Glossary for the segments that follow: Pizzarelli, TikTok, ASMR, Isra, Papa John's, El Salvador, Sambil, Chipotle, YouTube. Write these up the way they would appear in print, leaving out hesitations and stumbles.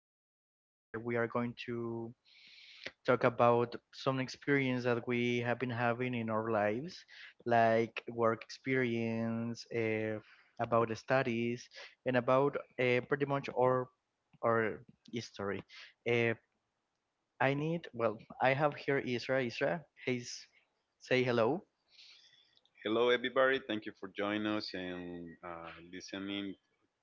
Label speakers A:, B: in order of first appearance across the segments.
A: are talk ab- uh, we are going to talk about some experience that we have been having in our lives, like work experience, about studies, and about pretty much our history. Uh, I need well, I have here Isra. Isra, please say hello.
B: Hello, everybody. Thank you for joining us and listening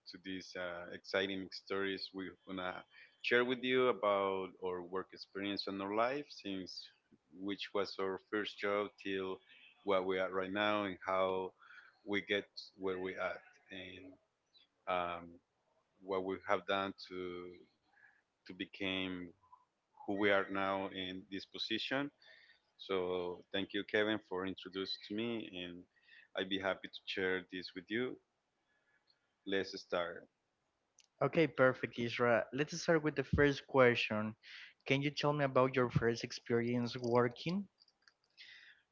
B: to these exciting stories we're gonna share with you about our work experience and our life since which was our first job till where we are right now and how we get where we at and um, what we have done to become who we are now in this position. So thank you, Kevin, for introducing me, and I'd be happy to share this with you. Let's start.
A: Okay, perfect, Isra. Let's start with the first question. Can you tell me about your first experience working?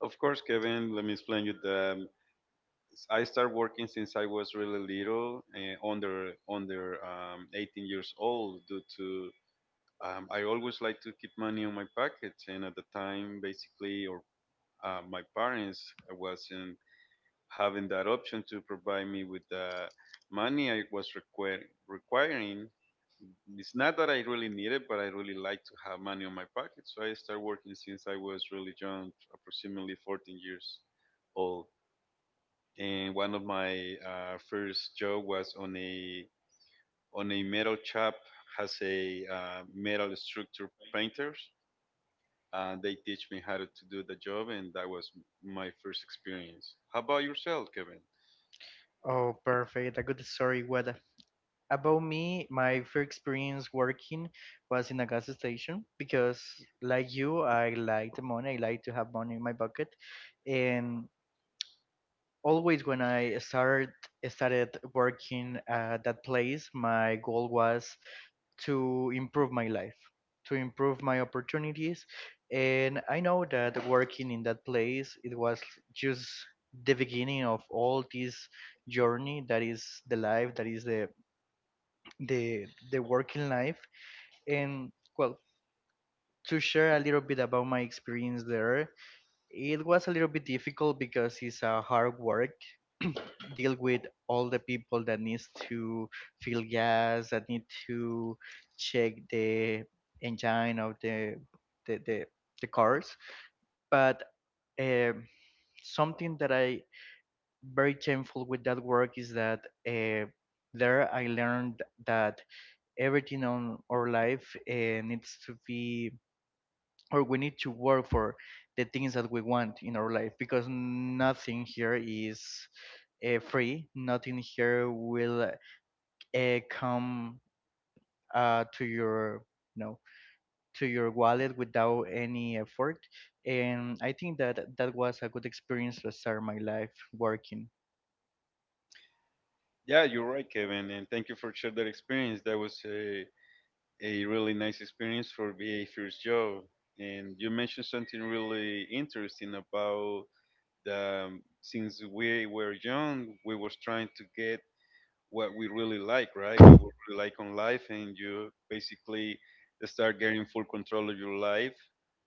B: Of course, Kevin, let me explain you the. I started working since I was really little, under 18 years old. Due to I always like to keep money on my pockets, and at the time, basically, or my parents wasn't having that option to provide me with the money I was requiring. It's not that I really need it, but I really like to have money on my pocket. So I started working since I was really young, approximately 14 years old. And one of my first job was on a metal shop has a metal structure painters. They teach me how to do the job, and that was my first experience. How about yourself, Kevin?
A: Oh, perfect. A good story. What about me? My first experience working was in a gas station because, like you, I like the money. I like to have money in my pocket, and always when I started working at that place, my goal was to improve my life, to improve my opportunities. And I know that working in that place, it was just the beginning of all this journey that is the life, that is the the working life. And well, to share a little bit about my experience there, it was a little bit difficult because it's a hard work. Deal with all the people that needs to fill gas, that need to check the engine of the the the, the cars. But um something that I very thankful with that work is that uh, there I learned that everything on our life needs to be, or we need to work for the things that we want in our life, because nothing here is free, nothing here will come to your no to your wallet without any effort. And I think that that was a good experience to start my life working.
B: Yeah, you're right, Kevin, and thank you for sharing that experience. That was a really nice experience for be a first job. And you mentioned something really interesting about the since we were young, we was trying to get what we really like, right? What we really like on life, and you basically start getting full control of your life,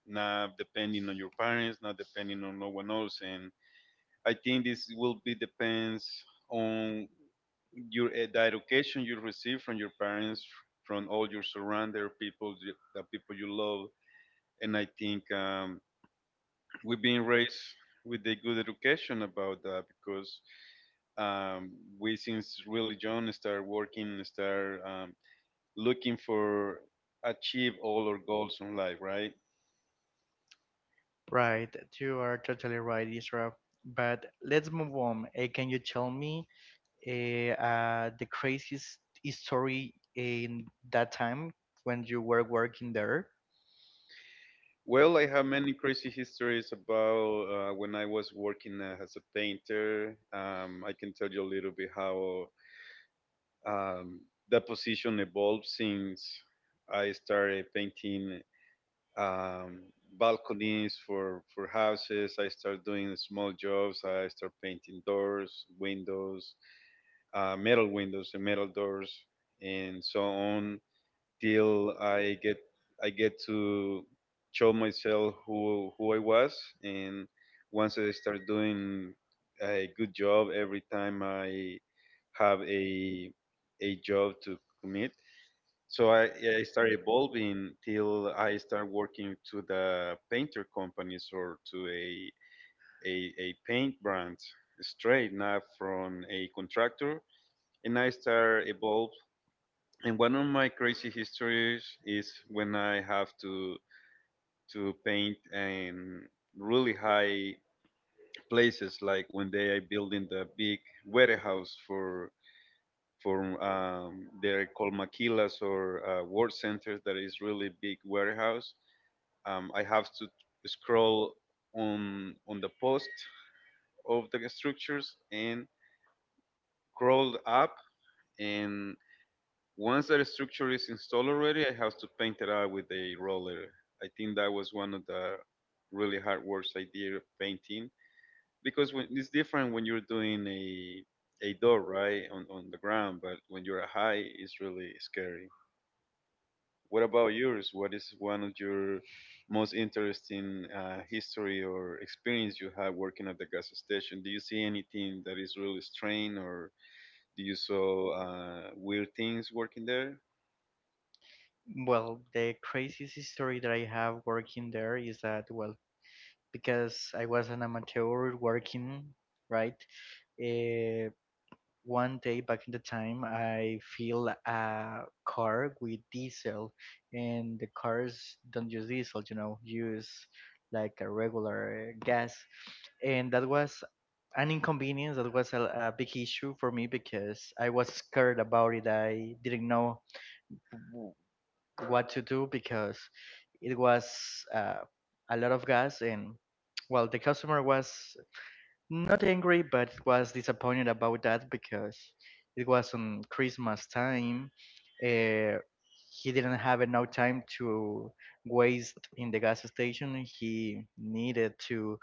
B: not depending on your parents, not depending on no one else, and I think this will be depends on your the education you receive from your parents, from all your surrounding people, the people you love, and I think we've been raised with a good education about that because um, we since really young start working, start looking for achieve all our goals in life, right?
A: Right, you are totally right, Isra. But let's move on. Can you tell me the craziest story in that time when you were working there?
B: Well, I have many crazy histories about when I was working as a painter. I can tell you a little bit how um, that position evolved since I started painting um, balconies for houses. I started doing small jobs. I started painting doors, windows, metal windows, and metal doors, and so on till I get to show myself who I was. And once I start doing a good job every time I have a job to commit, so I start evolving till I start working to the painter companies or to a a paint brand straight now from a contractor and I start evolve. And one of my crazy histories is when I have to paint in really high places, like when they are building the big warehouse for they're called maquilas or ward centers. That is really big warehouse. I have to scroll on the post of the structures and crawl up and. Once that structure is installed already, I have to paint it out with a roller. I think that was one of the really hard works I did of painting because when it's different when you're doing a door right on the ground, but when you're high, it's really scary. What about yours? What is one of your most interesting history or experience you had working at the gas station? Do you see anything that is really strange, or do you saw weird things working there?
A: Well, the craziest story that I have working there is that, well, because I was an amateur working, right? Uh, One day back in the time, I filled a car with diesel, and the cars don't use diesel, you know, use like a regular gas. And that was an inconvenience. That was a big issue for me because I was scared about it. I didn't know w- what to do because it was uh, a lot of gas, and well, the customer was not angry, but was disappointed about that because it was on Christmas time. Uh, he didn't have enough time to waste in the gas station. He needed to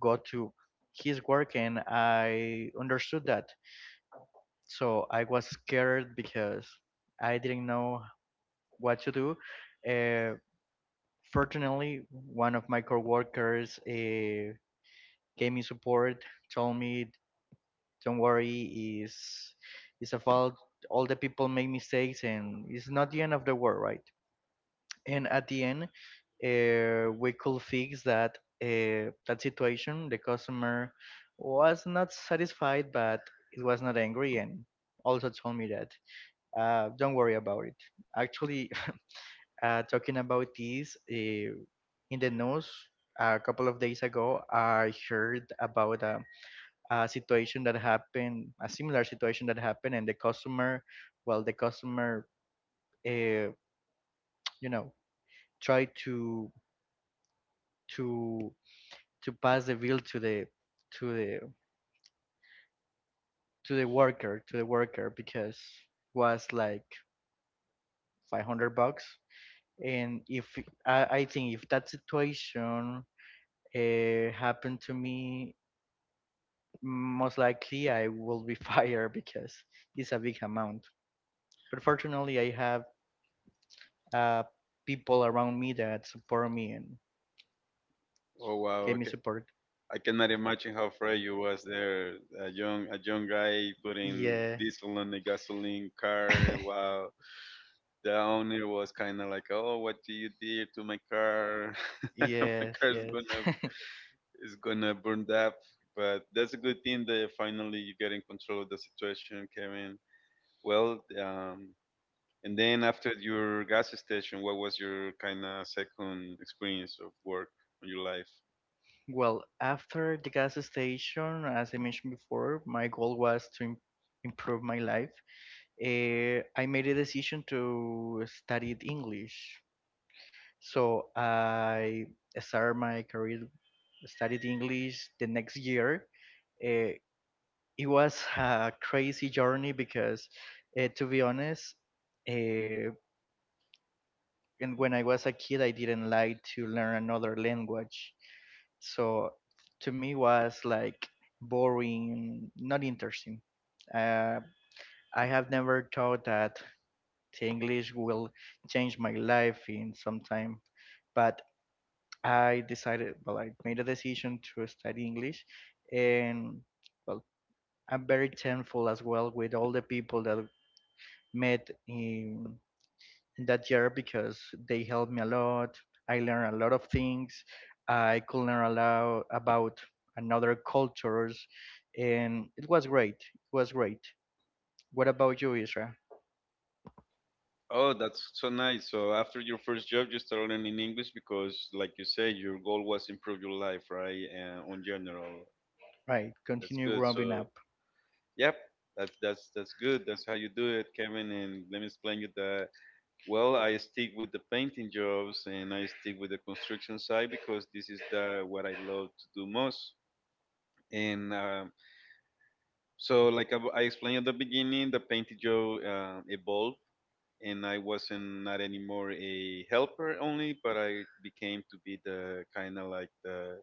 A: go to his work, and I understood that. So I was scared because I didn't know what to do. Uh, Fortunately, one of my coworkers gave me support, told me, don't worry, is it's a fault, all the people make mistakes, and it's not the end of the world, right? And at the end, we could fix that that situation. The customer was not satisfied but it was not angry, and also told me that don't worry about it. Actually, talking about this in the news a couple of days ago, I heard about a situation that happened, a similar situation that happened, and the customer, well, the customer, uh, you know, tried to to pass the bill to to the the worker, to the worker, because was like 500 bucks. And if I think, if that situation happened to me, most likely I will be fired because it's a big amount. But fortunately I have uh, people around me that support me and
B: Oh
A: gave
B: wow,
A: me support.
B: I cannot imagine how afraid you was there, a young guy putting
A: Yeah.
B: diesel on the gasoline car. Wow, the owner was kind of like, "Oh, what do you did to my car? my
A: Yes,
B: car's
A: yes.
B: gonna is gonna burn up." But that's a good thing that finally you get in control of the situation, Kevin. Well, and then after your gas station, what was your kind of second experience of work in your life?
A: Well, after the gas station, as I mentioned before, my goal was to improve my life. I made a decision to study English. So I started my career, studied English the next year. Uh, it was a crazy journey because to be honest, uh, and when I was a kid I didn't like to learn another language, so to me was like boring, not interesting. uh, I have never thought that the English will change my life in some time, but I decided, well, I made a decision to study English, and well, I'm very thankful as well with all the people that met in that year because they helped me a lot. I learned a lot of things. I could learn a lot about another cultures, and it was great. It was great. What about you, Isra?
B: Oh, that's so nice. So after your first job, you started learning English because, like you say, your goal was improve your life, right? And on general,
A: Right,
B: that's
A: continue
B: good.
A: growing
B: So,
A: up.
B: yep, that's good. That's how you do it, Kevin. And let me explain you that. Well, I stick with the painting jobs and I stick with the construction side because this is the what I love to do most. And so, like I explained at the beginning, the painting job evolved and I wasn't not anymore a helper only, but I became to be the kind of like the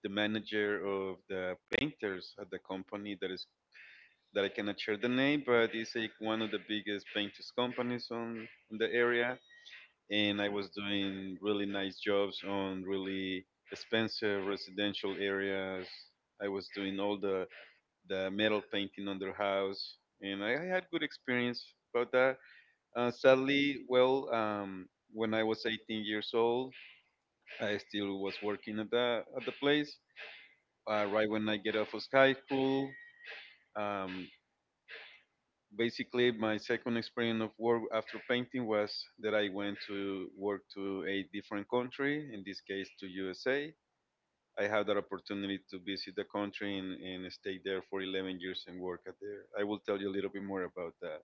B: manager of the painters at the company that is that I cannot share the name, but it's like one of the biggest painters companies on in the area, and I was doing really nice jobs on really expensive residential areas. I was doing all the metal painting on their house, and I had good experience about that sadly, well, when I was 18 years old, I still was working at the place. Right when I get off of high school, um, basically my second experience of work after painting was that I went to work to a different country. In this case, to USA. I had that opportunity to visit the country and stay there for 11 years and work at there. I will tell you a little bit more about that.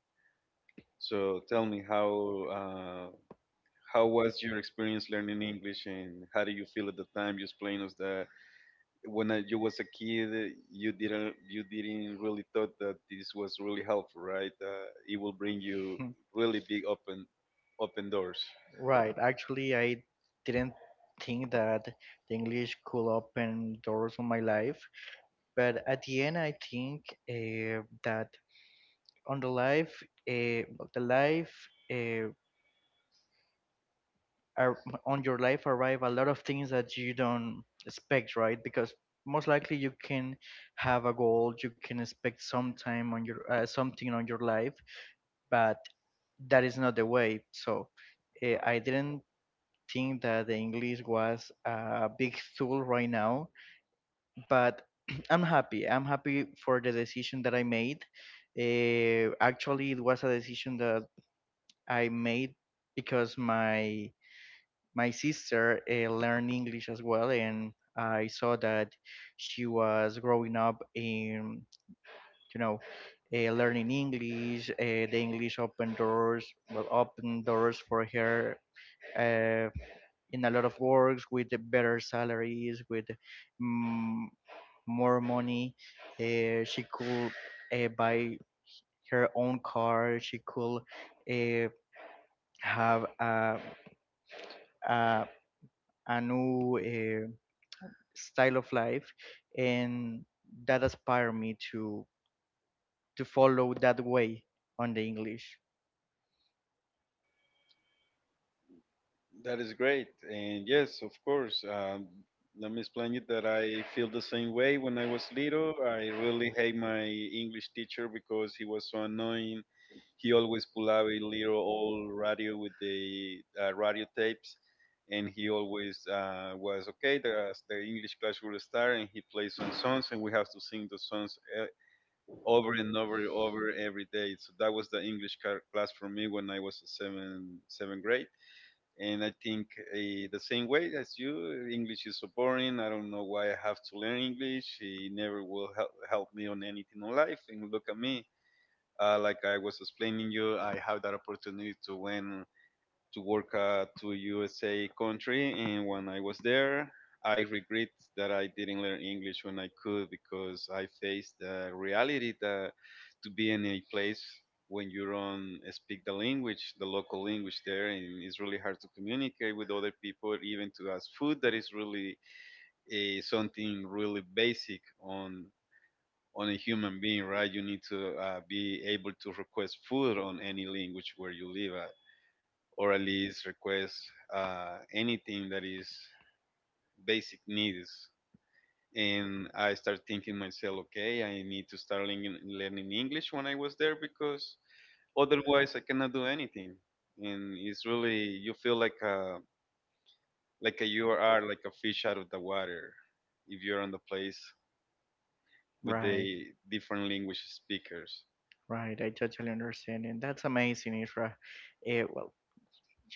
B: So tell me how was your experience learning English, and how do you feel at the time? You explained us that when you was a kid, you didn't really thought that this was really helpful, right? It will bring you really big open doors.
A: Right, actually, I didn't think that the English could open doors on my life, but at the end, I think that on the life, uh, the life. Uh, ar- on your life arrive a lot of things that you don't expect, right? Because most likely you can have a goal, you can expect some time on your something on your life, but that is not the way. So I didn't think that the English was a big tool right now, but I'm happy. I'm happy for the decision that I made. Actually, it was a decision that I made because my sister learned English as well, and I saw that she was growing up in, you know, learning English. The English opened doors, well, opened doors for her uh, in a lot of works with the better salaries, with mm, more money. She could buy her own car. She could uh, have a, a new style of life. And that inspired me to follow that way on the English,
B: That is great, and yes, of course. Let me explain it that I feel the same way when I was little. I really hate my English teacher because he was so annoying. He always pull out a little old radio with the radio tapes and he always was okay the English class will start and he plays some songs and we have to sing the songs over and over and over every day. So that was the English class for me when I was seventh grade. And I think uh, the same way as you English is so boring. I don't know why I have to learn English. It never will help, help me on anything in life and look at me like I was explaining you, I have that opportunity to win to work to USA country, and when I was there, I regret that I didn't learn English when I could because I faced the reality that to be in a place when you don't speak the language, the local language there, and it's really hard to communicate with other people, even to ask food that is really something really basic on a human being, right? You need to be able to request food on any language where you live at, or at least request anything that is basic needs. And I start thinking myself, okay, I need to start learning, learning English when I was there because otherwise I cannot do anything. And it's really you feel like a you are like a fish out of the water if you're on the place with
A: right?
B: the different language speakers.
A: Right, I totally understand, and that's amazing, Isra. Well,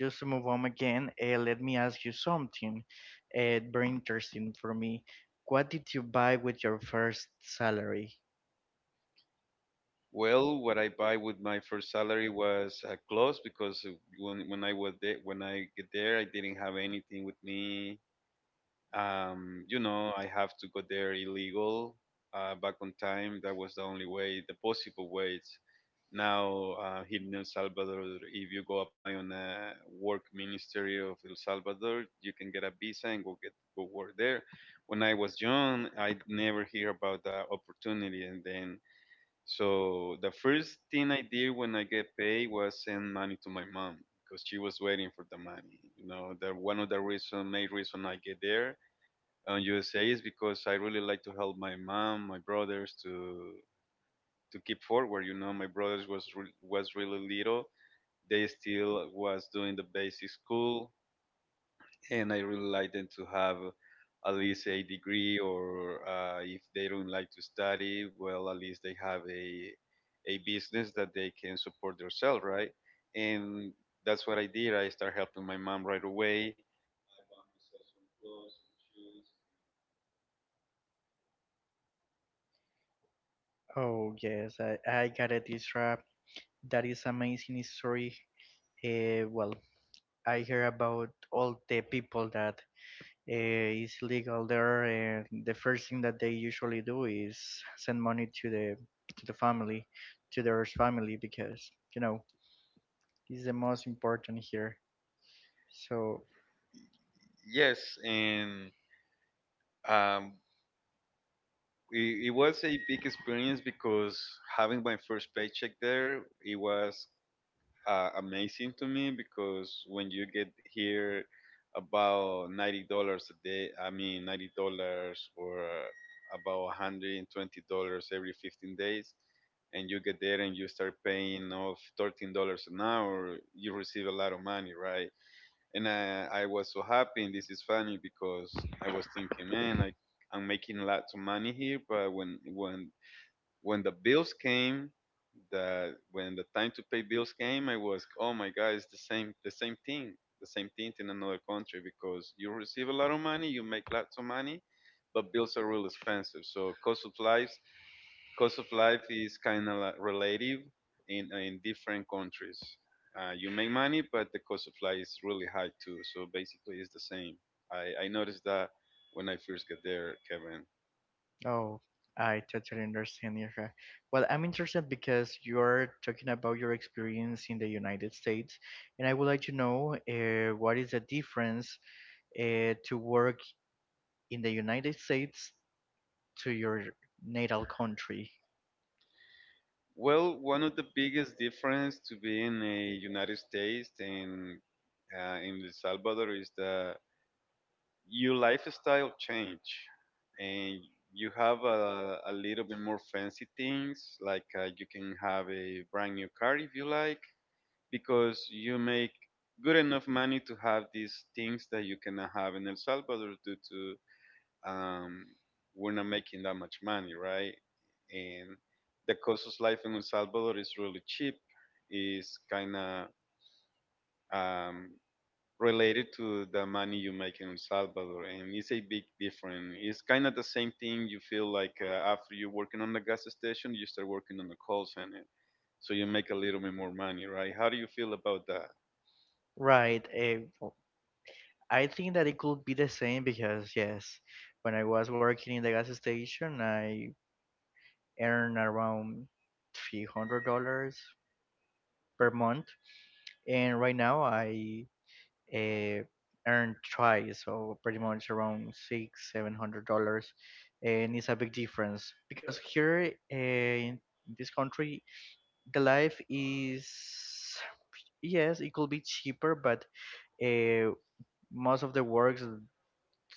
A: just to move on again, let me ask you something very interesting for me. What did you buy with your first salary?
B: Well, what I buy with my first salary was clothes because when I was there, when I get there, I didn't have anything with me. You know, I have to go there illegal. Back on time, that was the only way, the possible ways. Now, here in El Salvador, if you go apply on a work ministry of El Salvador, you can get a visa and go get go work there. When I was young, I never hear about that opportunity, and then so the first thing I did when I get paid was send money to my mom because she was waiting for the money. You know, the one of the reason, main reason I get there on USA is because I really like to help my mom, my brothers to keep forward. You know, my brothers was was really little. They still was doing the basic school and I really like them to have at least a degree, or if they don't like to study, well, at least they have a business that they can support themselves, right? And that's what I did. I started helping my mom right away.
A: Oh yes, I got it, Isra. That is amazing story. Well, I hear about all the people that is legal there, and the first thing that they usually do is send money to the family, to their family, because you know it's the most important here. So,
B: Yes, and um, it was a big experience because having my first paycheck there, it was amazing to me because when you get here about $90 a day, I mean $90 or about $120 every 15 days, and you get there and you start paying off $13 an hour, you receive a lot of money, right? And I was so happy, and this is funny because I was thinking, man, I'm making lots of money here, but when the bills came, the when the time to pay bills came, I was, oh my God, it's the same thing in another country because you receive a lot of money, you make lots of money, but bills are real expensive. So cost of life is kind of like relative in different countries. You make money, but the cost of life is really high too. So basically, it's the same. I noticed that when I first got there, Kevin.
A: oh, I totally understand, Yasha. Well, I'm interested because you're talking about your experience in the United States, and I would like to know what is the difference to work in the United States to your natal country.
B: Well, one of the biggest difference to be in the United States and in El Salvador is that your lifestyle change, and you have a little bit more fancy things. Like you can have a brand new car if you like, because you make good enough money to have these things that you cannot have in El Salvador due to um, we're not making that much money, right? And the cost of life in El Salvador is really cheap. It's kind of um, related to the money you make in El Salvador, and it's a big difference. It's kind of the same thing you feel like after you're working on the gas station, you start working on the call center, so you make a little bit more money, right? How do you feel about that?
A: Right. I think that it could be the same because yes, when I was working in the gas station, I earned around $300 per month, and right now I uh, earn twice, so pretty much around six seven hundred dollars, and it's a big difference because here in this country, the life is, yes, it could be cheaper, but uh, most of the works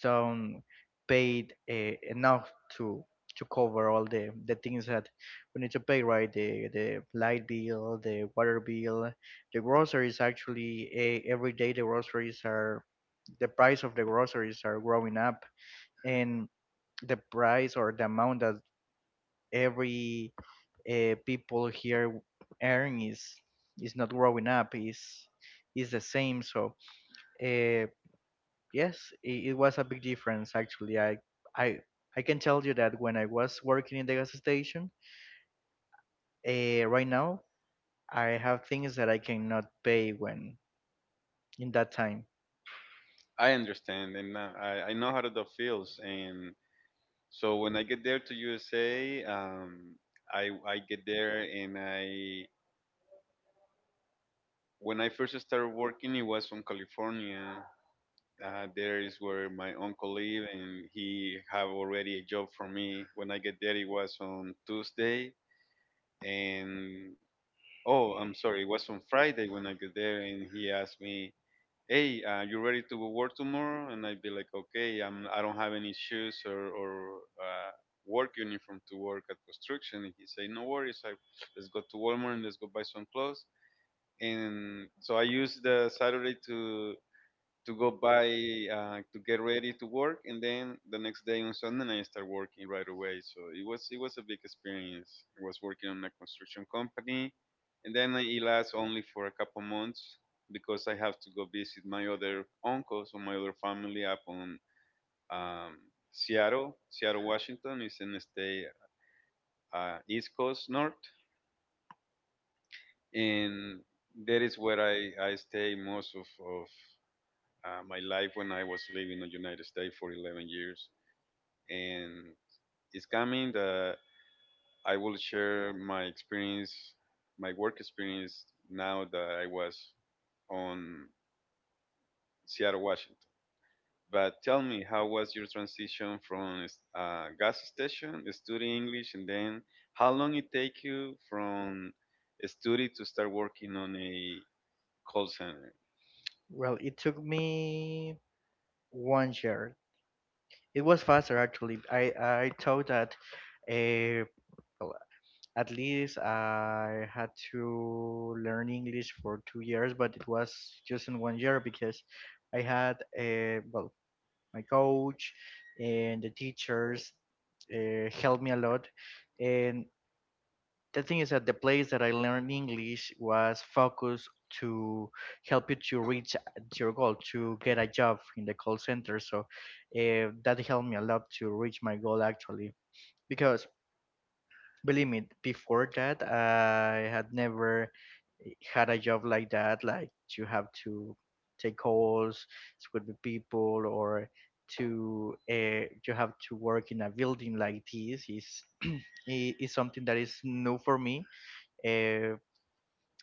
A: don't paid enough to to cover all the things that we need to pay, right? The light bill, the water bill, the groceries. Actually, every day the groceries are the price of the groceries are growing up, and the price or the amount that every people here earn is not growing up, is the same. So uh, yes, it was a big difference actually. I I can tell you that when I was working in the gas station, right now I have things that I cannot pay when in that time.
B: I understand, and I know how that feels, and so when I get there to USA, I get there and I when I first started working, it was from California. There is where my uncle live, and he have already a job for me. When I get there, it was on Tuesday, and oh, I'm sorry, it was on Friday when I get there, and he asked me hey, you ready to go work tomorrow? And I'd be like, okay, I don't have any shoes or uh, work uniform to work at construction. And he'd say, no worries, I, let's go to Walmart and let's go buy some clothes. And so I used the Saturday to go by to get ready to work, and then the next day on Sunday I start working right away. So it was a big experience. I was working on a construction company, and then it lasts only for a couple months because I have to go visit my other uncles or my other family up on um, Seattle, Seattle, Washington is in the state East Coast North, and that is where I stay most of my life when I was living in the United States for 11 years. And it's coming that I will share my experience, my work experience now that I was on Seattle, Washington. But tell me, how was your transition from gas station, study English, and then how long it take you from study to start working on a call center?
A: Well, it took me 1 year. It was faster actually. I thought that uh, well, at least I had to learn English for 2 years, but it was just in 1 year because I had a, well, my coach and the teachers helped me a lot. And the thing is that the place that I learned English was focused to help you to reach your goal to get a job in the call center. So that helped me a lot to reach my goal actually. Because believe me, before that I had never had a job like that, like you have to take calls with the people, or to you have to work in a building like this, is is something that is new for me. Uh,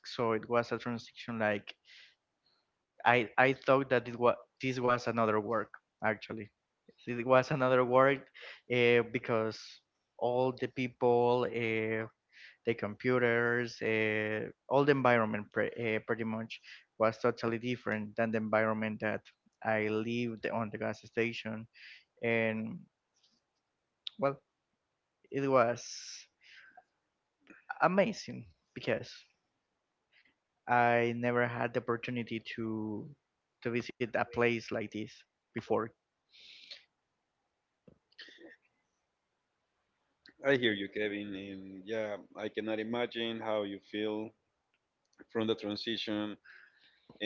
A: so it was a transition, like I thought that it was, this was another work actually. It was another work because all the people, the computers, all the environment, pretty much was totally different than the environment that I lived on the gas station, and well, it was amazing because I never had the opportunity to visit a place like this before.
B: I hear you, Kevin, and yeah, I cannot imagine how you feel from the transition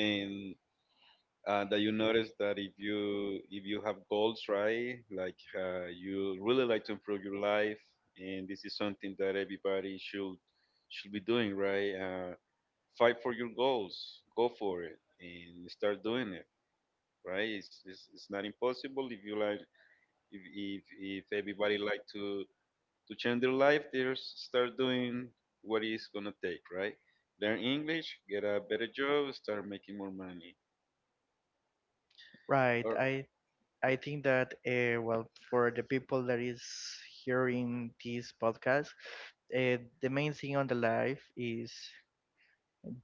B: and that you notice that if you have goals right like you really like to improve your life and this is something that everybody should be doing right fight for your goals go for it and start doing it right it's not impossible if you like if, if everybody like to change their life they start doing what it's gonna take right learn English get a better job start making more money
A: Right,
B: or
A: I think that well, for the people that is hearing this podcast, the main thing on the life is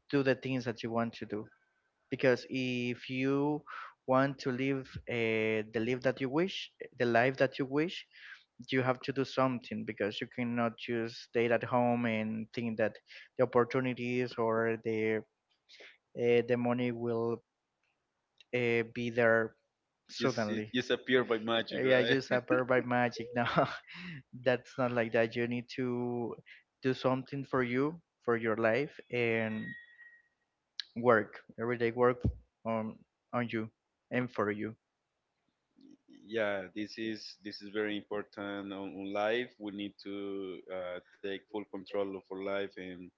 A: do the things that you want to do. Because if you want to live the life that you wish, the life that you wish, you have to do something because you cannot just stay at home and think that the opportunities or the money will be there
B: just it
A: suddenly.
B: just appear by magic,
A: Yeah, just
B: right?
A: appear by magic now. That's not like that. You need to do something for you, for your life, and work everyday, work on on you and for you.
B: Yeah, this is very important on life. We need to take full control of our life and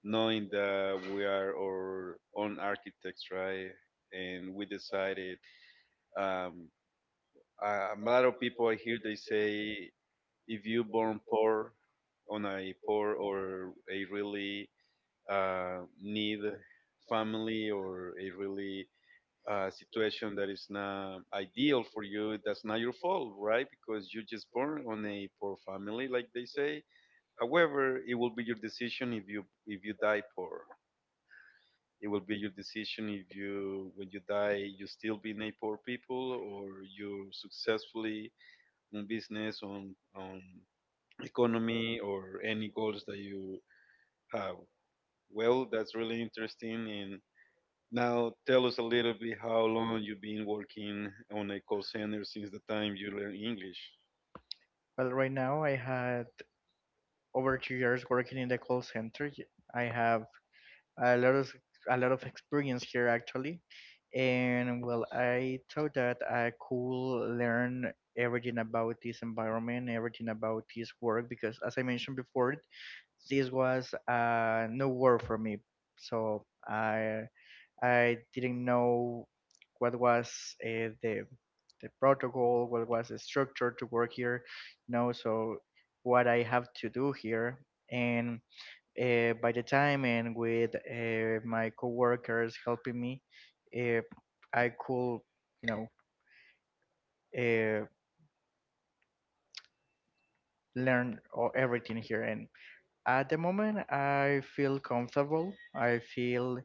B: knowing that we are our own architects, right? And we decided. Um, a lot of people I hear they say if you born poor on a poor or a really need family or a really a situation that is not ideal for you, that's not your fault, right? Because you just born on a poor family, like they say. However, it will be your decision if you die poor. It will be your decision if you when you die you still be a poor people or you successfully on business on economy or any goals that you have. Well, that's really interesting and now, tell us a little bit how long you've been working on a call center since the time you learned English.
A: Well, right now I had over 2 years working in the call center. I have a lot of a lot of experience here, actually, and well, I thought that I could learn everything about this environment, everything about this work, because as I mentioned before, this was no work for me, so I didn't know what was uh, the the protocol, what was the structure to work here, no, so what I have to do here. And by the time and with my coworkers helping me, uh, , I could, you know, uh, learn everything here. And at the moment, I feel comfortable. I feel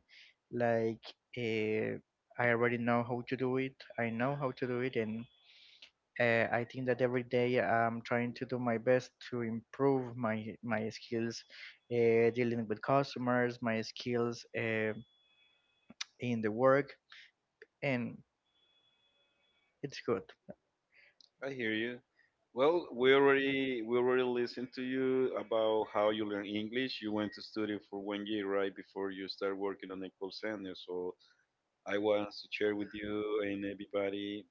A: like uh, I already know how to do it. I know how to do it, and I think that every day I'm trying to do my best to improve my skills dealing with customers, my skills in the work, and it's good.
B: I hear you. Well, we already listened to you about how you learn English. You went to study for one year right before you start working on a call center. So I want to share with you and everybody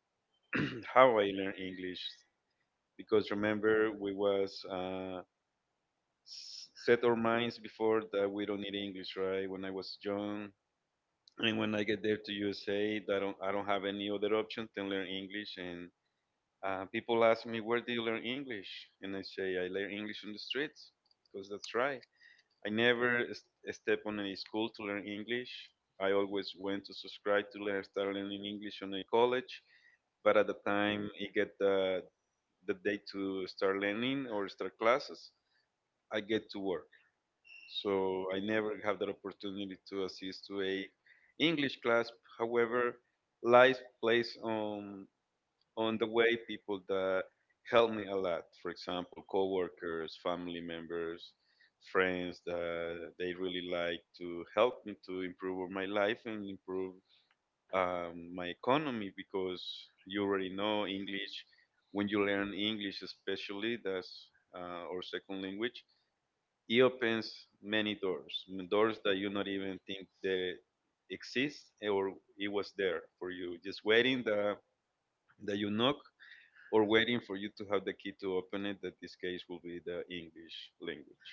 B: how I learn English because remember we was set our minds before that we don't need English, right? When I was young, and when I get there to USA, I don't have any other option than learn English. And people ask me, where do you learn English? And I say, I learn English on the streets, because that's right. I never step on any school to learn English. I always went to subscribe to learn, start learning English on a college. But at the time, I get the day to start learning or start classes, I get to work so I never have that opportunity to assist to a English class. However, life plays on the way people that help me a lot. For example, coworkers, family members, friends that they really like to help me to improve my life and improve my economy because you already know English. When you learn English, especially that's our second language, it opens many doors, doors that you not even think they exist or it was there for you, just waiting that that you knock or waiting for you to have the key to open it. That this case will be the English language.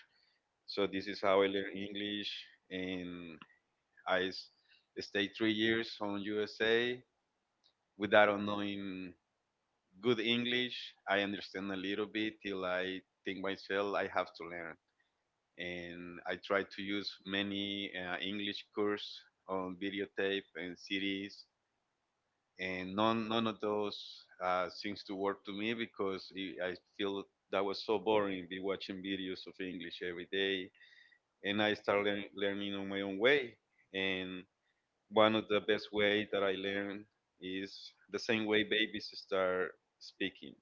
B: So this is how I learned English, and I stayed three years on USA without knowing good English. I understand a little bit till I think myself I have to learn and I tried to use many English course on videotape and CDs, and none of those seems to work to me because I feel that was so boring, be watching videos of English every day, and I started learning on my own way, and one of the best way that I learn is the same way babies start speaking.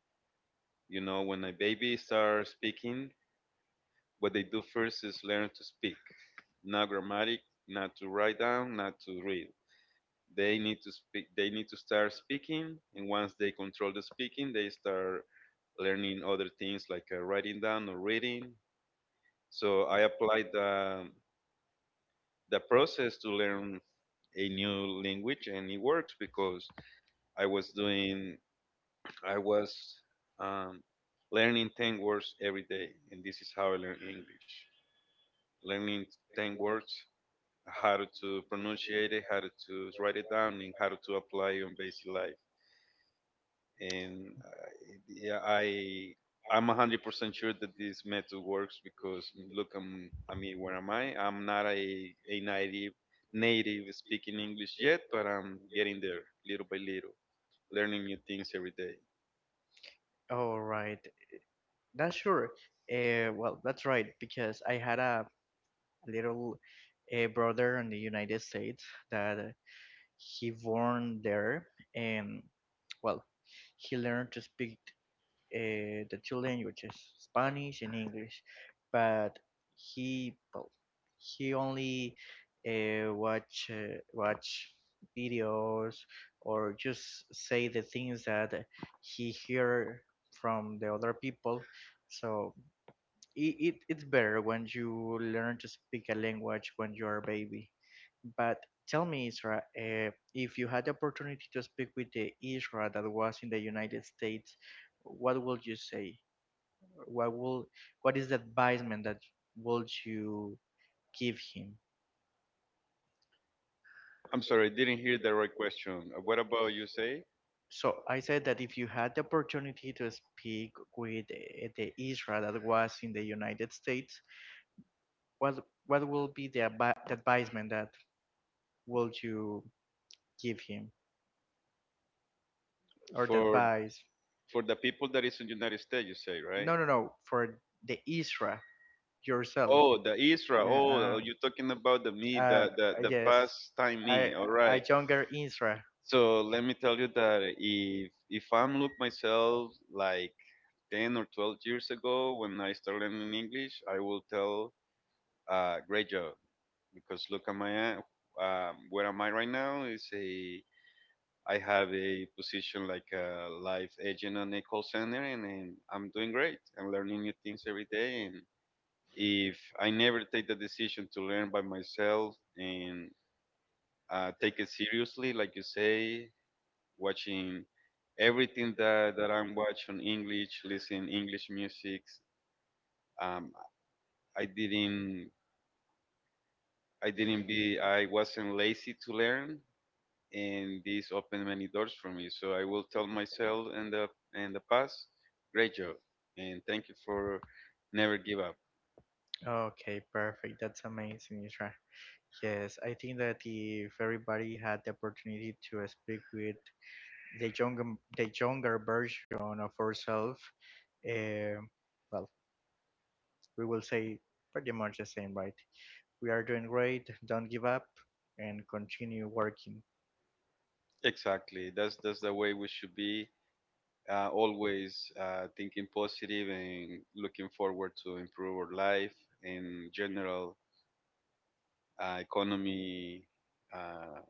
B: You know, when a baby starts speaking, what they do first is learn to speak. Not grammatic, not to write down, not to read. They need to speak. They need to start speaking, and once they control the speaking, they start learning other things like writing down or reading. So I applied the process to learn a new language, and it works because I was doing I was um, learning 10 words every day, and this is how I learn English. Learning 10 words how to pronunciate it, how to write it down, and how to apply it on basic life. And yeah, I'm 100% sure that this method works because look, I'm I mean, where am I? I'm not a native native speaking English yet, but I'm getting there little by little, learning new things every day.
A: All right. That's sure. Well, that's right because I had a little brother in the United States that he born there, and well, he learned to speak the two languages, Spanish and English, but he well, he only watch videos or just say the things that he hear from the other people. So it's better when you learn to speak a language when you're a baby. But tell me, Isra, if you had the opportunity to speak with the Isra that was in the United States, what would you say? What will what is the advisement that would you give him?
B: I'm sorry, I didn't hear the right question. What about you say
A: So I said that if you had the opportunity to speak with the Isra that was in the United States, what what will be the advisement that would you give him? Or the
B: for
A: advice.
B: the people that is in the United States? You say right?
A: No, no, no, for the Isra yourself.
B: Oh, the Isra.
A: Yeah,
B: Oh, you're talking about the
A: uh,
B: me,
A: uh,
B: the
A: yes,
B: past time
A: I,
B: me. All
A: a
B: right.
A: younger Isra.
B: So let me tell you that if I'm look myself like 10 or 12 years ago when I started learning English, I will tell great job because look at my where am I right now is a I have a position like a life agent on a call center and I'm doing great. I'm learning new things every day and if I never take the decision to learn by myself and take it seriously, like you say, watching everything that I'm watching English, listening English music, um, I didn't I didn't be I wasn't lazy to learn, and this opened many doors for me. So I will tell myself in the past, great job, and thank you for never give up.
A: Okay, perfect. That's amazing, Isra. Yes, I think that if everybody had the opportunity to speak with the younger, the younger version of ourselves, um, well, we will say pretty much the same, right? We are doing great. Don't give up and continue working.
B: Exactly, that's the way we should be always thinking positive and looking forward to improve our life and general economy, uh,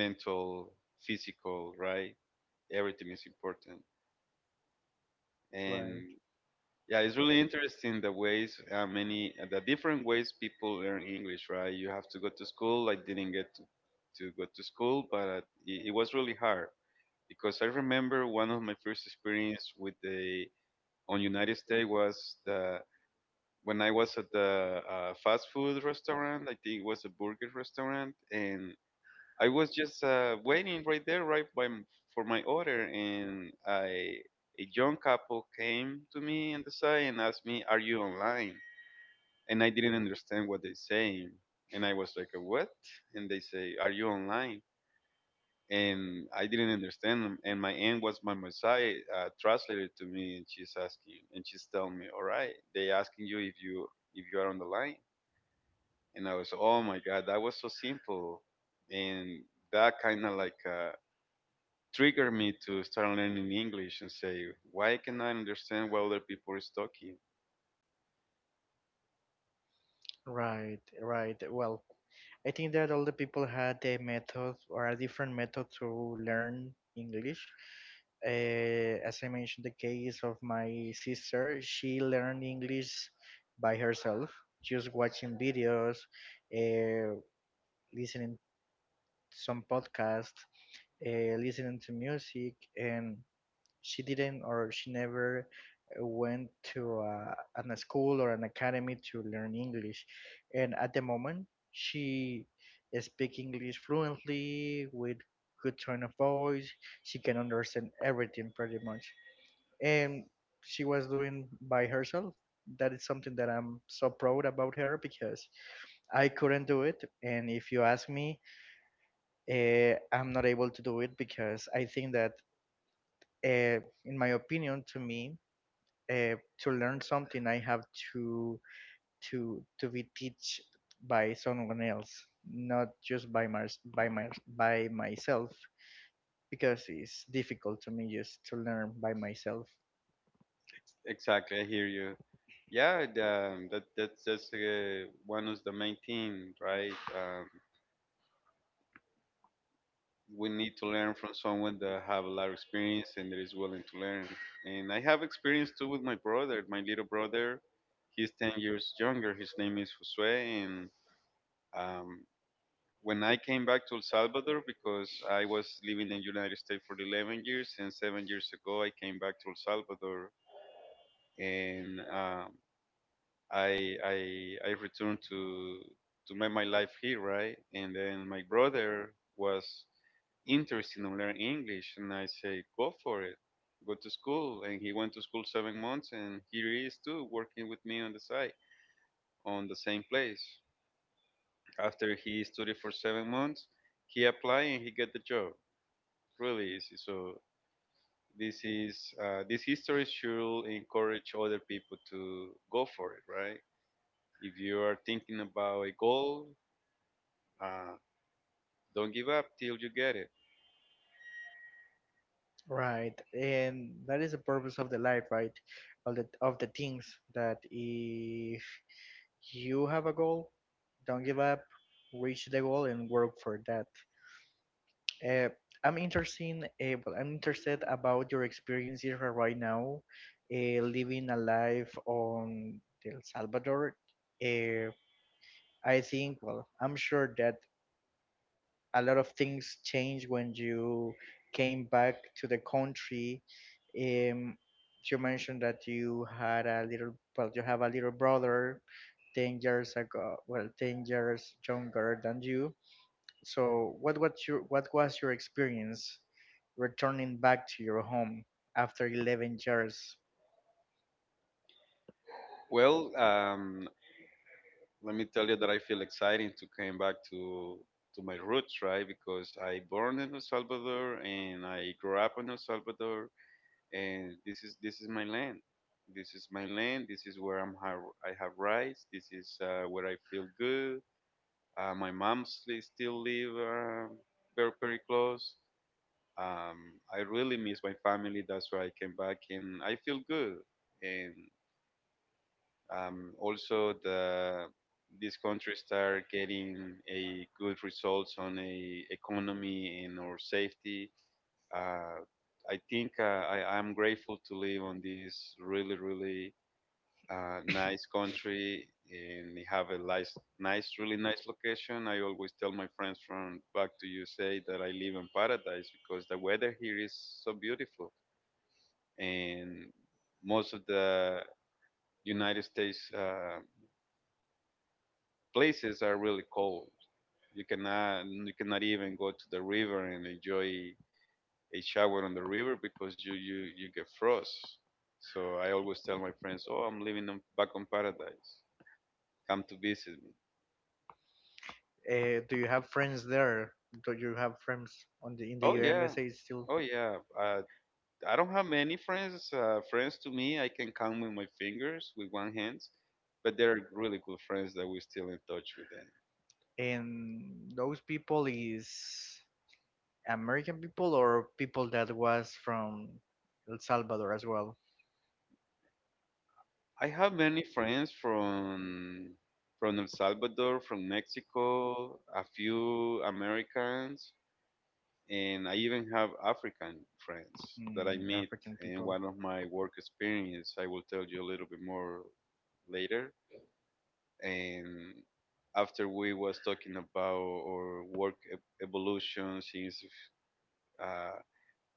B: mental, physical, right? Everything is important. And
A: Right.
B: yeah, it's really interesting the ways, many, the different ways people learn English, right? You have to go to school. I didn't get to go to school, but it was really hard because I remember one of my first experience with the on United States was the when I was at the fast food restaurant. I think it was a burger restaurant, and I was just waiting right there, right by for my order, and I a young couple came to me on the side and asked me, "Are you online?" And I didn't understand what they saying, and I was like, "What?" And they say, "Are you online?" And I didn't understand them. And my aunt was my Messiah, translated to me, and she's asking, and she's telling me, "All right, they asking you if you are on the line." And I was, "Oh my God, that was so simple," and that kind of like triggered me to start learning English and say, "Why can I understand what other people is talking?"
A: Right, right. Well, I think that all the people had a method or a different method to learn English. Uh, as I mentioned, the case of my sister, she learned English by herself, just watching videos, uh, listening some podcasts, listening to music, and she didn't or she never went to an a school or an academy to learn English. And at the moment, she speaks English fluently with good tone of voice. She can understand everything pretty much. And she was doing by herself. That is something that I'm so proud about her because I couldn't do it. And if you ask me, I'm not able to do it because I think that, in my opinion, to me, to learn something I have to to be teach by someone else, not just by my by my by myself, because it's difficult to me just to learn by myself.
B: Exactly, I hear you. Yeah, the, that's one of the main thing, right? We need to learn from someone that have a lot of experience and that is willing to learn. And I have experience too with my brother, my little brother. He's 10 years younger. His name is Josue. And um, when I came back to El Salvador, because I was living in the United States for 11 years, and 7 years ago I came back to El Salvador, and I returned to make my life here, right? And then my brother was interested in learning English, and I say, go for it, go to school. And he went to school 7 months, and here he is too, working with me on the side, on the same place. After he studied for 7 months, he applied and he got the job. Really easy. So this is this history should encourage other people to go for it, right? If you are thinking about a goal, uh, don't give up till you get it.
A: Right. And that is the purpose of the life, right? Of the things that if you have a goal, don't give up, reach the goal, and work for that. Uh, I'm interested about your experiences right now, living a life on El Salvador. Uh, I think, well, I'm sure that a lot of things changed when you came back to the country. Um, you mentioned that you had a little, well, you have a little brother, 10 years ago, well, 10 years younger than you. So, what was your experience returning back to your home after 11 years?
B: Well, let me tell you that I feel exciting to come back to my roots, right? Because I born in El Salvador and I grew up in El Salvador, and this is my land. This is my land. This is where I'm I have rights. This is where I feel good. My mom still live, um, very very close. Um, I really miss my family. That's why I came back and I feel good. And also, the these countries start getting a good results on a economy and or safety. Uh, I think I'm grateful to live on this really, really nice country and they have a nice, nice, really nice location. I always tell my friends from back to USA that I live in paradise because the weather here is so beautiful and most of the United States. Places are really cold. You cannot even go to the river and enjoy a shower on the river because you get frost. So I always tell my friends, "Oh, I'm living on, back on paradise. Come to visit me."
A: Do you have friends there? Do you have friends on the in the
B: Oh
A: United
B: yeah,
A: States still?
B: oh yeah. I don't have many friends. Friends to me, I can count with my fingers, with one hand. But they are really good friends that we're still in touch with them.
A: And those people is American people or people that was from El Salvador as well?
B: I have many friends from El Salvador, from Mexico, a few Americans, and I even have African friends that I
A: Mm,
B: meet
A: African
B: in
A: people.
B: one of my work experience. I will tell you a little bit more later. And after we was talking about our work evolution since uh,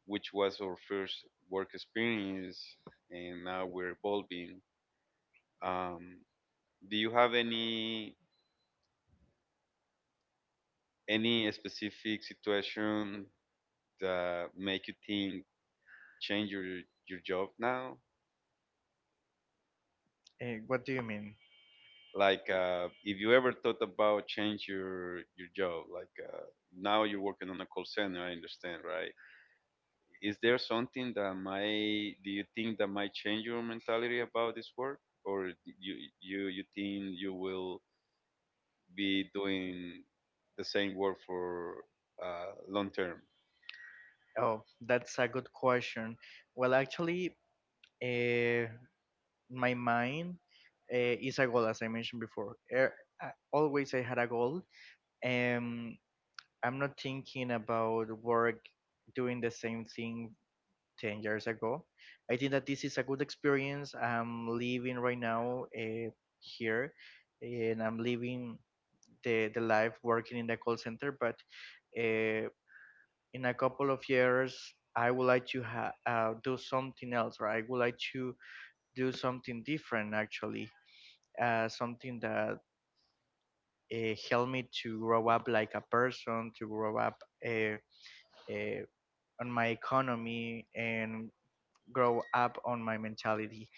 B: which was our first work experience, and now we're evolving. Um, do you have any specific situation that make you think change your job now?
A: Eh, what do you mean?
B: Like if you ever thought about change your job, like now you're working on a call center, I understand, right? Is there something that might do you think that might change your mentality about this work, or you think you will be doing the same work for long term?
A: Oh, that's a good question. Well, actually, uh, my mind is a goal, as I mentioned before. Always I had a goal. Um, I'm not thinking about work doing the same thing 10 years ago. I think that this is a good experience. I'm living right now here, and I'm living the life working in the call center, but uh, in a couple of years, I would like to do something else, right? I would like to do something different, actually, something that helped me to grow up like a person, to grow up uh, on my economy, and grow up on my mentality.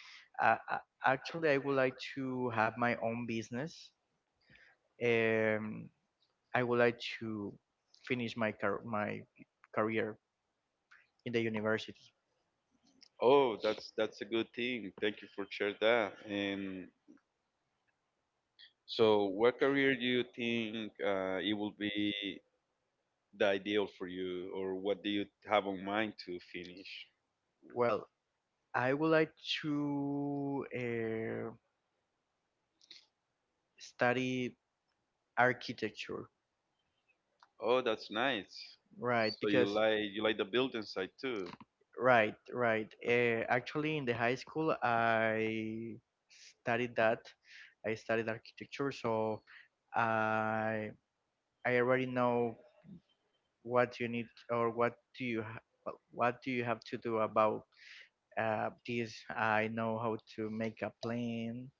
A: Uh, uh, Actually, I would like to have my own business. Um, I would like to finish my career in the university.
B: Oh, that's a good thing. Thank you for sharing that. And so, what career do you think it will be the ideal for you, or what do you have on mind to finish?
A: Well, I would like to study architecture,
B: Oh, that's nice.
A: right?
B: So you
A: Because.
B: like you like the building side too?
A: Right, right. Actually, in the high school, I studied that. I studied architecture, so I I already know what you need or what do you ha- what do you have to do about this. I know how to make a plan.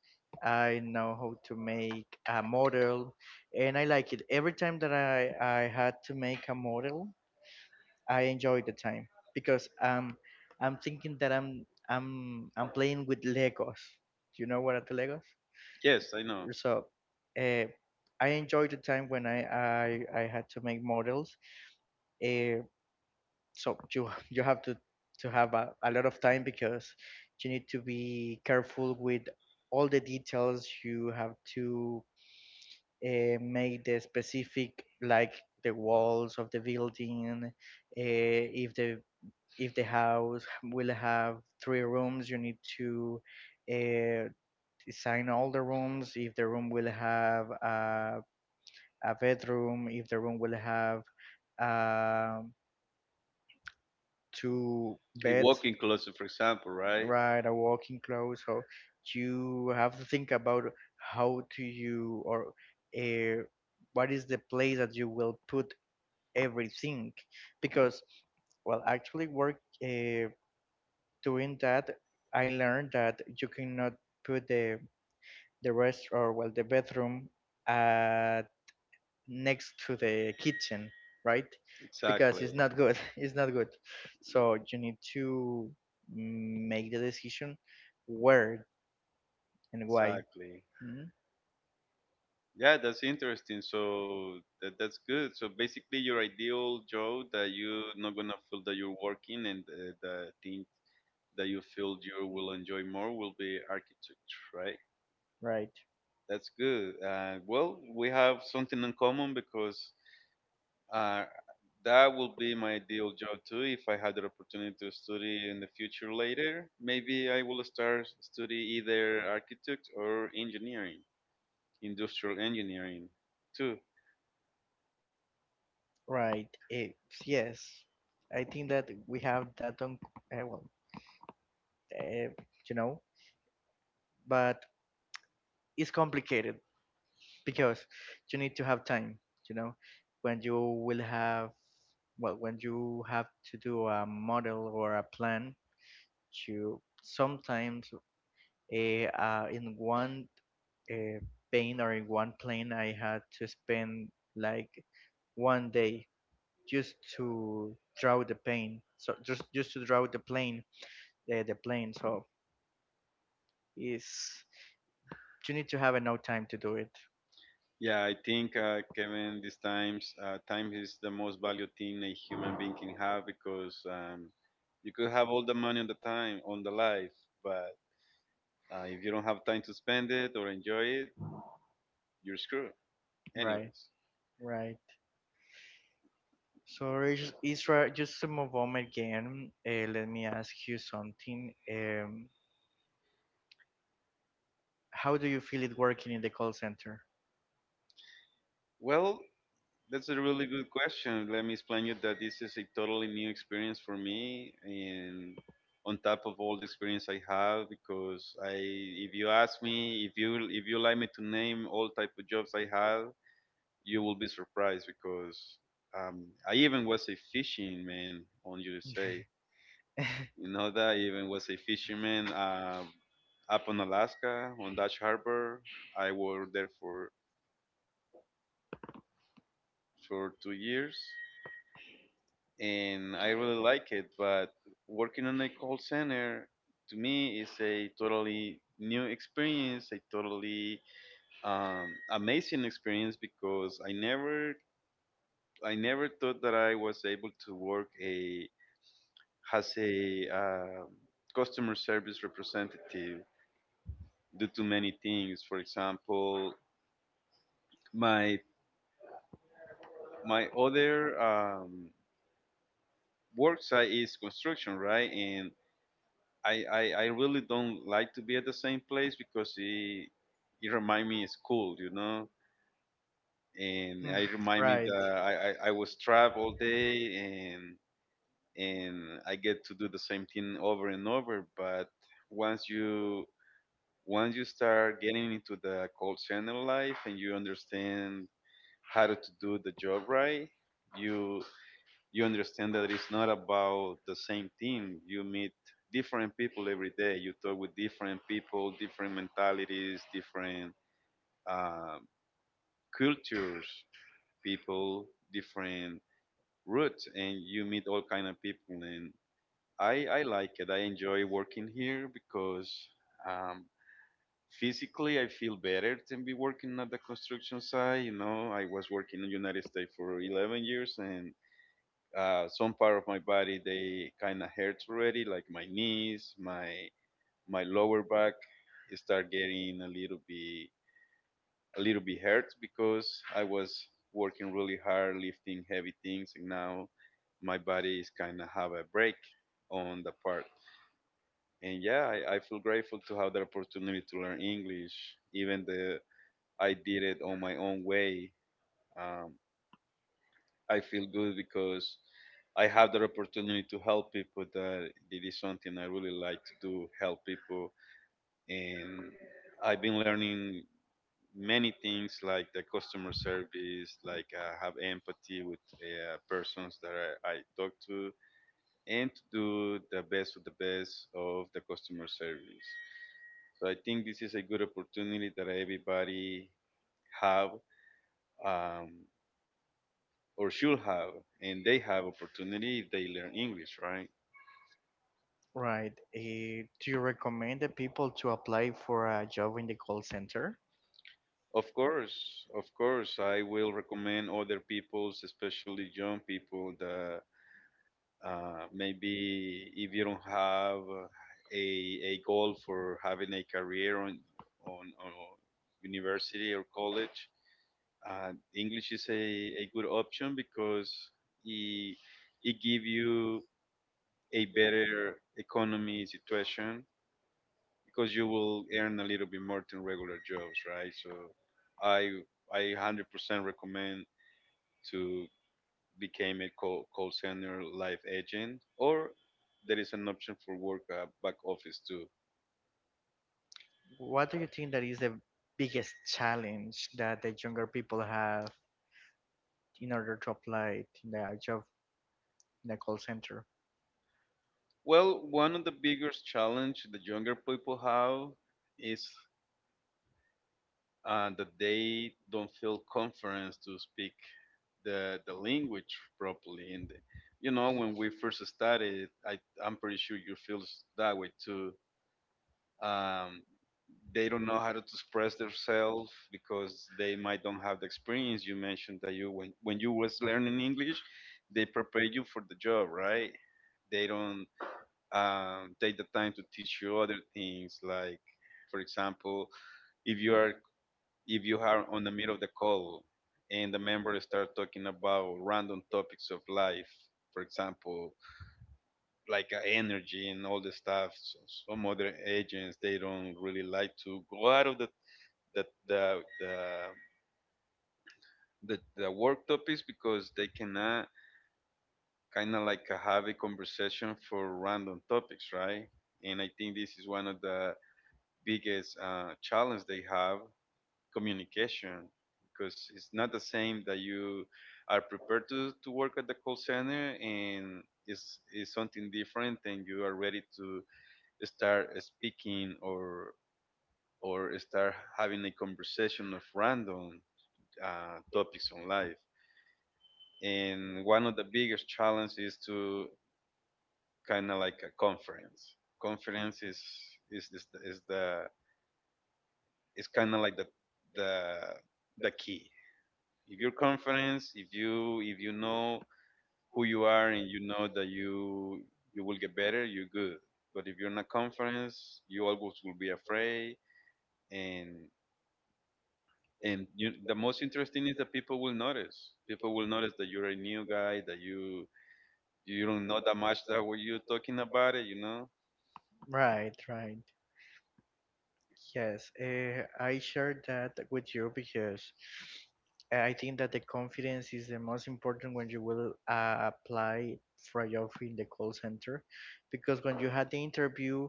A: I know how to make a model, and I like it. Every time that I had to make a model, I enjoy the time because I'm thinking that I'm playing with Legos. Do you know what are the Legos?
B: Yes, I know.
A: So uh, I enjoy the time when I had to make models. Uh, so you you have to have a lot of time because you need to be careful with all the details. You have to make the specific, like the walls of the building. If the house will have three rooms, you need to uh, design all the rooms. If the room will have a bedroom, if the room will have um two
B: A
A: beds,
B: walk-in closet, for example, right?
A: right, a walking clothes. So you have to think about how to you or uh, what is the place that you will put everything, because, well, actually work. Uh, Doing that, I learned that you cannot put the rest, or well, the bathroom uh, next to the kitchen, right? Because it's
B: Exactly.
A: not good. It's not good. So you need to make the decision where and why.
B: Exactly.
A: Mhm.
B: Yeah, that's interesting. So that's good. So basically, your ideal job that you're not gonna feel that you're working and the thing that you feel you will enjoy more will be architecture, right?
A: Right.
B: That's good. Well, we have something in common because uh, that will be my ideal job too. If I had the opportunity to study in the future later, maybe I will start study either architect or engineering, industrial engineering too.
A: Right. Eh, yes. I think that we have that on, uh, well, uh, you know, but it's complicated because you need to have time you know when you will have, well, when you have to do a model or a plan. You sometimes eh, uh, in one uh, in one plane I had to spend like one day just to draw the plane, so just to draw the plane. So is You need to have enough time to do it.
B: Yeah, I think Kevin, these times, time is the most valued thing a human being can have because you could have all the money on the time on the life, but if you don't have time to spend it or enjoy it, you're screwed.
A: Right.
B: Anyways,
A: Right. Sorry, Isra, just a moment again. Let me ask you something. How do you feel it working in the call center?
B: well, that's a really good question. Let me explain you that this is a totally new experience for me, and on top of all the experience I have, because I, if you ask me, if you like me to name all type of jobs I had you will be surprised because I even was a fishing man on USA. You know that I even was a fisherman, up on Alaska on Dutch Harbor. I worked there for 2 years, and I really like it. But working on a call center to me is a totally new experience, a totally, amazing experience because I never thought that I was able to work a has a customer service representative do too many things. For example, my my other work site is construction, right? And I really don't like to be at the same place because it remind me of school, you know. And
A: Hmm.
B: I remind me
A: Right,
B: that I was trapped all day and I get to do the same thing over and over. But once you once you start getting into the call center life and you understand how to do the job right, you you understand that it's not about the same thing. You meet different people every day. You talk with different people, different mentalities, different um cultures, people, different roots, and you meet all kind of people. And I like it. I enjoy working here because. Um, Physically I feel better than be working at the construction site. You know, I was working in the United States for 11 years, and some part of my body they kind of hurts already, like my knees, my lower back start getting a little bit hurt because I was working really hard lifting heavy things, and now my body is kind of have a break on the part. And yeah, I feel grateful to have the opportunity to learn English, even the I did it on my own way. Um, I feel good because I have the opportunity to help people. That it is something I really like to do, help people, and I've been learning many things like the customer service, like have empathy with persons that I talk to, and to do the best of the best of the customer service. So I think this is a good opportunity that everybody have. Um, or should have, and they have opportunity if they learn English, right?
A: right. Do you recommend the people to apply for a job in the call center?
B: Of course, I will recommend other people's, especially young people, that maybe if you don't have a goal for having a career on university or college, English is a good option because it, it give you a better economy situation because you will earn a little bit more than regular jobs, right? So I I 100% recommend to become a call, call center life agent, or there is an option for work, back office too.
A: What do you think that is the biggest challenge that the younger people have in order to apply in the job in the call center?
B: Well, one of the biggest challenge the younger people have is that they don't feel confidence to speak the language properly. And you know, when we first started, I'm pretty sure you feel that way too, um, they don't know how to express themselves because they might don't have the experience. You mentioned that you when you was learning English, they prepare you for the job, right? They don't, take the time to teach you other things, like for example, if you are if you are on the middle of the call and the member start talking about random topics of life, for example, like energy and all the stuff. So some other agents they don't really like to go out of the the the the, the work topics because they cannot kind of like have a conversation for random topics, right? And I think this is one of the biggest challenge they have communication because it's not the same that you are prepared to work at the call center and it's something different and you are ready to start speaking or start having a conversation of random topics on life. And one of the biggest challenges is to kind of like a conference. Conference is this is the is kind of like the the key. If you're conference, if you know who you are and you know that you will get better, you're good. But if you're in a conference, you always will be afraid and and you, the most interesting is that people will notice. People will notice that you're a new guy, that you don't know that much that what you're talking about it. You know,
A: Right, right. Yes, I share that with you because I think that the confidence is the most important when you will apply for a job in the call center, because when you had the interview,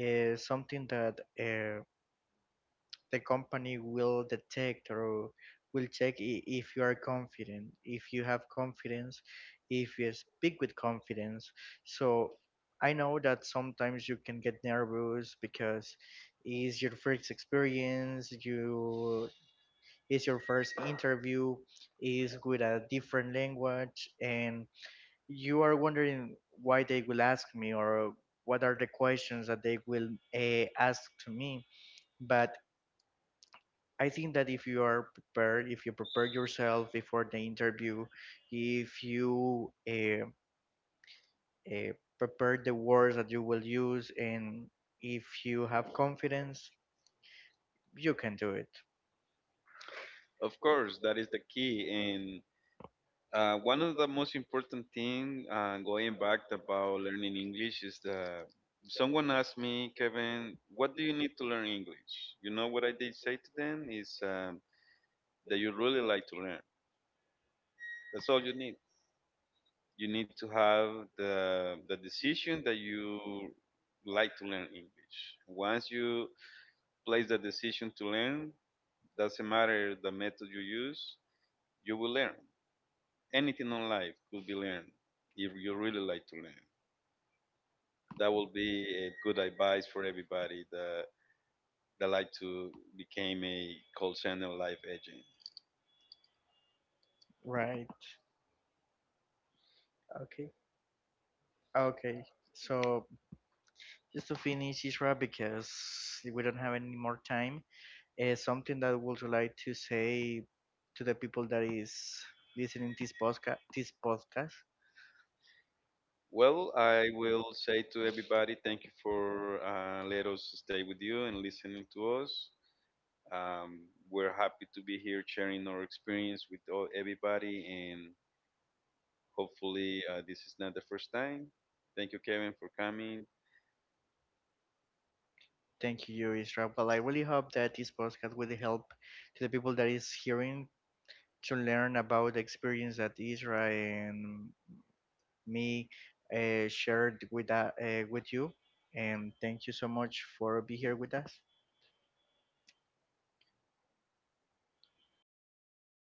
A: something that uh, the company will detect or will check if you are confident, if you have confidence, if you speak with confidence. So I know that sometimes you can get nervous because it's your first experience, you it's your first interview, is with a different language, and you are wondering why they will ask me or what are the questions that they will ask to me. But I think that if you are prepared, if you prepare yourself before the interview, if you uh, prepare the words that you will use, and if you have confidence, you can do it,
B: of course, that is the key. And one of the most important thing, going back about learning English is that someone asked me, Kevin, what do you need to learn English? You know what I did say to them is, that you really like to learn. That's all you need. You need to have the decision that you like to learn English. Once you place the decision to learn, doesn't matter the method you use, you will learn. Anything in life could be learned if you really like to learn. That will be a good advice for everybody that like to become a call center life agent.
A: right? Okay. Okay. So just to finish, Isra, because we don't have any more time, something that I would like to say to the people that is listening this podcast,
B: Well, I will say to everybody, thank you for let us stay with you and listening to us. Um, we're happy to be here sharing our experience with all, everybody, and hopefully, this is not the first time. Thank you, Kevin, for coming.
A: Thank you, Israel. Well, I really hope that this podcast will help to the people that is hearing to learn about the experience that Israel and me shared with you. And thank you so much for be here with us.